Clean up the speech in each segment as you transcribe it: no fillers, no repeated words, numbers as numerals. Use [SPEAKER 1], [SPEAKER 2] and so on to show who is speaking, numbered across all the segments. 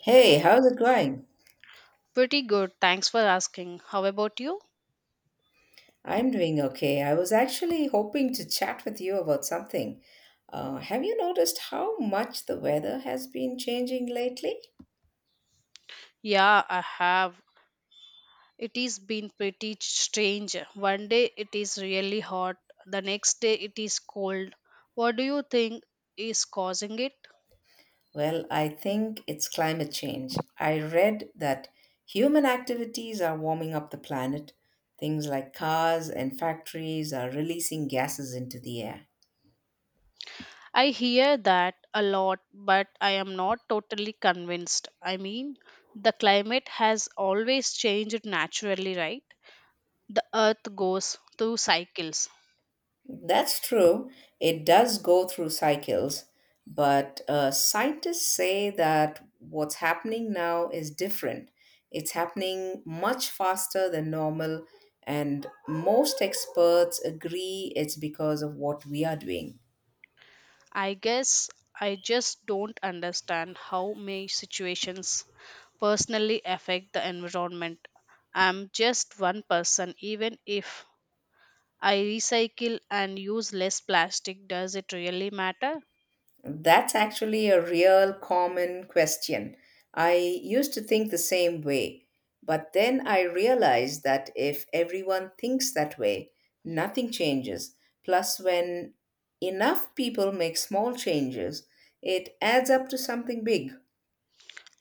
[SPEAKER 1] Hey, how's it going?
[SPEAKER 2] Pretty good. Thanks for asking. How about you?
[SPEAKER 1] I'm doing okay. I was actually hoping to chat with you about something. Have you noticed how much the weather has been changing lately?
[SPEAKER 2] Yeah, I have. It has been pretty strange. One day it is really hot, the next day it is cold. What do you think is causing it?
[SPEAKER 1] Well, I think it's climate change. I read that human activities are warming up the planet. Things like cars and factories are releasing gases into the air.
[SPEAKER 2] I hear that a lot, but I am not totally convinced. I mean, the climate has always changed naturally, right? The earth goes through cycles.
[SPEAKER 1] That's true. It does go through cycles, but scientists say that what's happening now is different. It's happening much faster than normal, and most experts agree it's because of what we are doing.
[SPEAKER 2] I guess I just don't understand how my situations personally affect the environment. I'm just one person, even if I recycle and use less plastic, does it really matter?
[SPEAKER 1] That's actually a real common question. I used to think the same way, but then I realized that if everyone thinks that way, nothing changes. Plus, when enough people make small changes, it adds up to something big.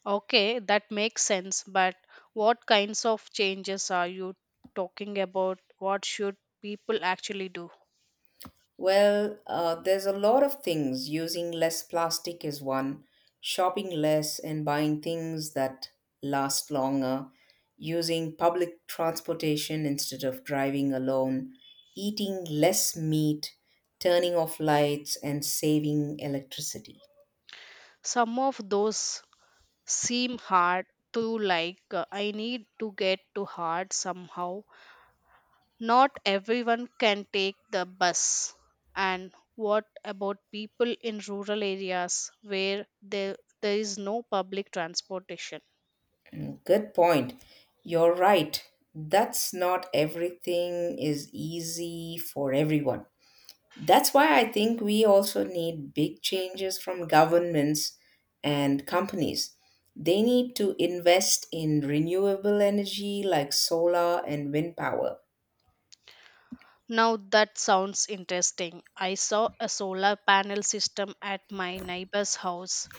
[SPEAKER 2] Okay, that makes sense, but what kinds of changes are you talking about? What should people actually do?
[SPEAKER 1] Well, there's a lot of things. Using less plastic is one, shopping less and buying things that last longer, using public transportation instead of driving alone, eating less meat, turning off lights, and saving electricity.
[SPEAKER 2] Some of those seem hard to like, I need to get to hard somehow. Not everyone can take the bus. And what about people in rural areas where there is no public transportation?
[SPEAKER 1] Mm, good point. You're right. That's not everything is easy for everyone. That's why I think we also need big changes from governments and companies. They need to invest in renewable energy like solar and wind power.
[SPEAKER 2] Now that sounds interesting. I saw a solar panel system at my neighbor's house.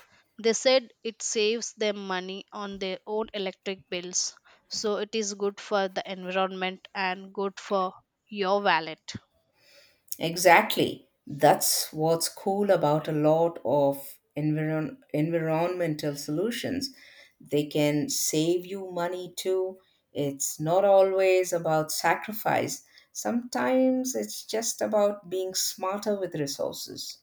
[SPEAKER 2] They said it saves them money on their own electric bills, so it is good for the environment and good for your wallet.
[SPEAKER 1] Exactly. That's what's cool about a lot of environmental solutions. They can save you money too. It's not always about sacrifice, sometimes it's just about being smarter with resources.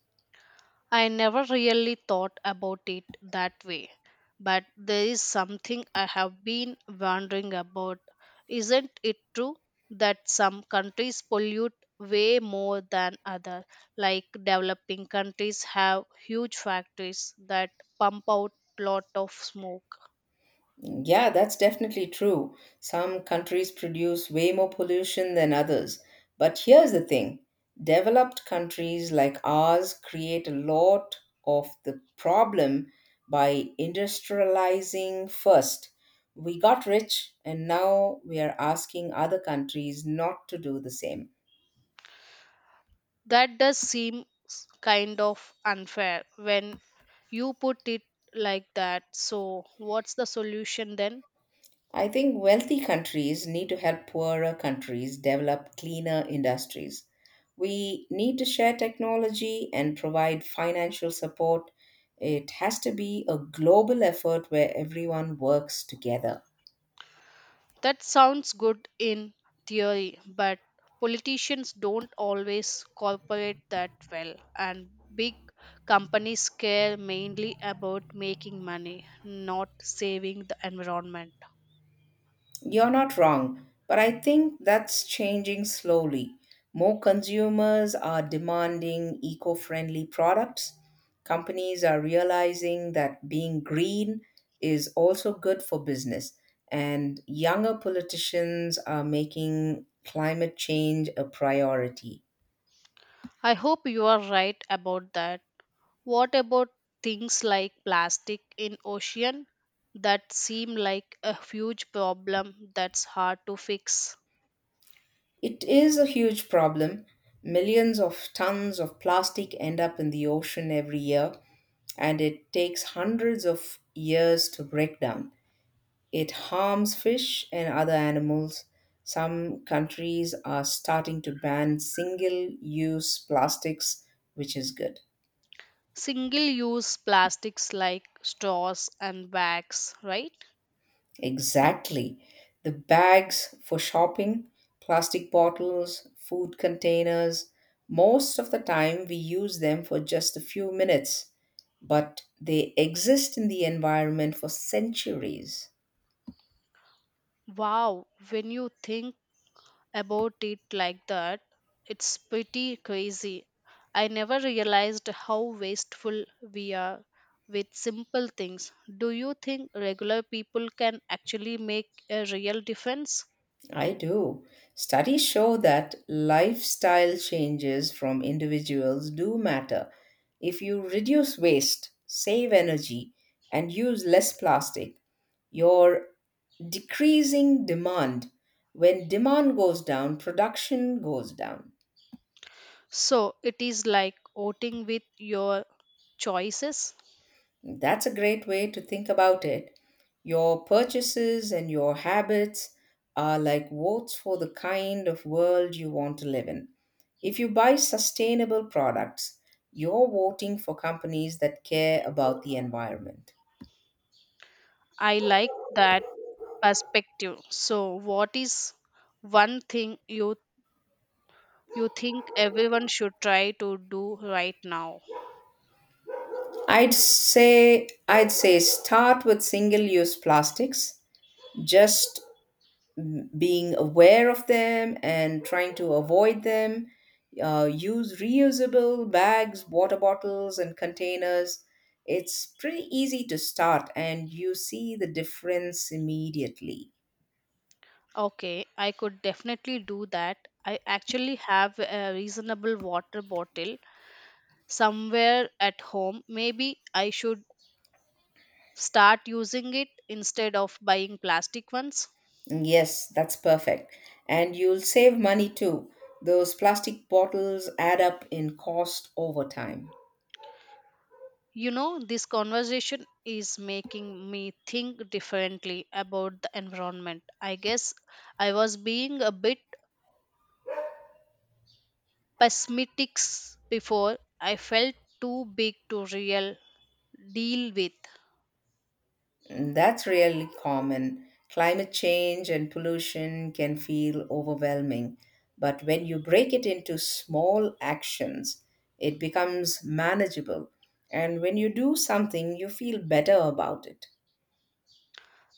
[SPEAKER 2] I never really thought about it that way, but there is something I have been wondering about. Isn't it true that some countries pollute way more than others? Like developing countries have huge factories that pump out lot of smoke.
[SPEAKER 1] Yeah, that's definitely true. Some countries produce way more pollution than others. But here's the thing developed countries like ours create a lot of the problem by industrializing first. We got rich, and now we are asking other countries not to do the same.
[SPEAKER 2] That does seem kind of unfair when you put it like that. So, what's the solution then?
[SPEAKER 1] I think wealthy countries need to help poorer countries develop cleaner industries. We need to share technology and provide financial support. It has to be a global effort where everyone works together.
[SPEAKER 2] That sounds good in theory, but politicians don't always cooperate that well, and big companies care mainly about making money, not saving the environment.
[SPEAKER 1] You're not wrong, but I think that's changing slowly. More consumers are demanding eco friendly products. Companies are realizing that being green is also good for business. And younger politicians are making climate change a priority.
[SPEAKER 2] I hope you are right about that. What about things like plastic in ocean that seem like a huge problem that's hard to fix?
[SPEAKER 1] It is a huge problem. Millions of tons of plastic end up in the ocean every year, and it takes hundreds of years to break down. It harms fish and other animals. Some countries are starting to ban single use plastics, which is good.
[SPEAKER 2] Single use plastics like straws and bags, right?
[SPEAKER 1] Exactly. The bags for shopping, plastic bottles, food containers, most of the time we use them for just a few minutes, but they exist in the environment for centuries.
[SPEAKER 2] Wow, when you think about it like that, it's pretty crazy. I never realized how wasteful we are with simple things. Do you think regular people can actually make a real difference?
[SPEAKER 1] I do. Studies show that lifestyle changes from individuals do matter. If you reduce waste, save energy, and use less plastic, you're decreasing demand. When demand goes down, production goes down.
[SPEAKER 2] So it is like voting with your choices.
[SPEAKER 1] That's a great way to think about it. Your purchases and your habits are like votes for the kind of world you want to live in. If you buy sustainable products, you're voting for companies that care about the environment.
[SPEAKER 2] I like that perspective. So what is one thing you think everyone should try to do right now?
[SPEAKER 1] I'd say start with single-use plastics. Just being aware of them and trying to avoid them. Use reusable bags, water bottles, and containers. It's pretty easy to start, and you see the difference immediately.
[SPEAKER 2] Okay, I could definitely do that. I actually have a reasonable water bottle somewhere at home. Maybe I should start using it instead of buying plastic ones.
[SPEAKER 1] Yes, that's perfect. And you'll save money too. Those plastic bottles add up in cost over time.
[SPEAKER 2] You know, this conversation is making me think differently about the environment. I guess I was being a bit pessimistic before. I felt too big to real deal with.
[SPEAKER 1] Mm, that's really common. Climate change and pollution can feel overwhelming, but when you break it into small actions, it becomes manageable. And when you do something, you feel better about it.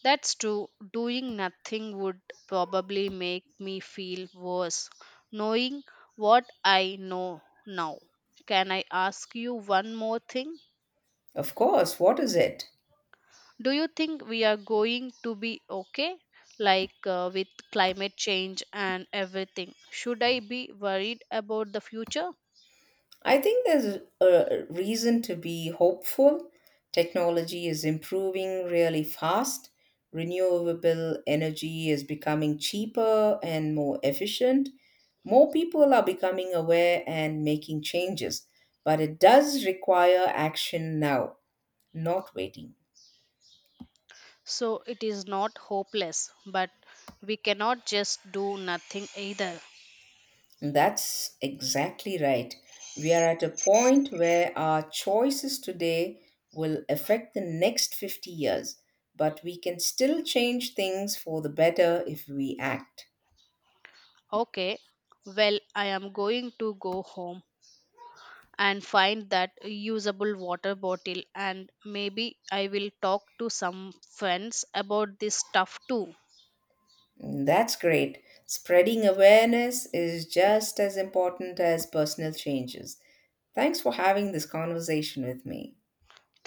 [SPEAKER 2] That's true. Doing nothing would probably make me feel worse. Knowing what I know now, can I ask you one more thing?
[SPEAKER 1] Of course, what is it?
[SPEAKER 2] Do you think we are going to be okay? Like with climate change and everything. Should I be worried about the future?
[SPEAKER 1] I think there's a reason to be hopeful. Technology is improving really fast. Renewable energy is becoming cheaper and more efficient. More people are becoming aware and making changes, but it does require action now, not waiting.
[SPEAKER 2] So it is not hopeless, but we cannot just do nothing either.
[SPEAKER 1] That's exactly right. We are at a point where our choices today will affect the next 50 years, but we can still change things for the better if we act.
[SPEAKER 2] Okay, well, I am going to go home and find that usable water bottle, and maybe I will talk to some friends about this stuff too.
[SPEAKER 1] And that's great. Spreading awareness is just as important as personal changes. Thanks for having this conversation with me.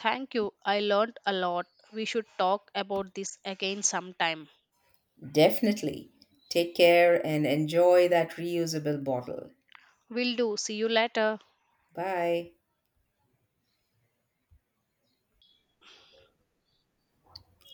[SPEAKER 2] Thank you, I learned a lot. We should talk about this again sometime.
[SPEAKER 1] Definitely. Take care and enjoy that reusable bottle.
[SPEAKER 2] Will do. See you later.
[SPEAKER 1] Bye.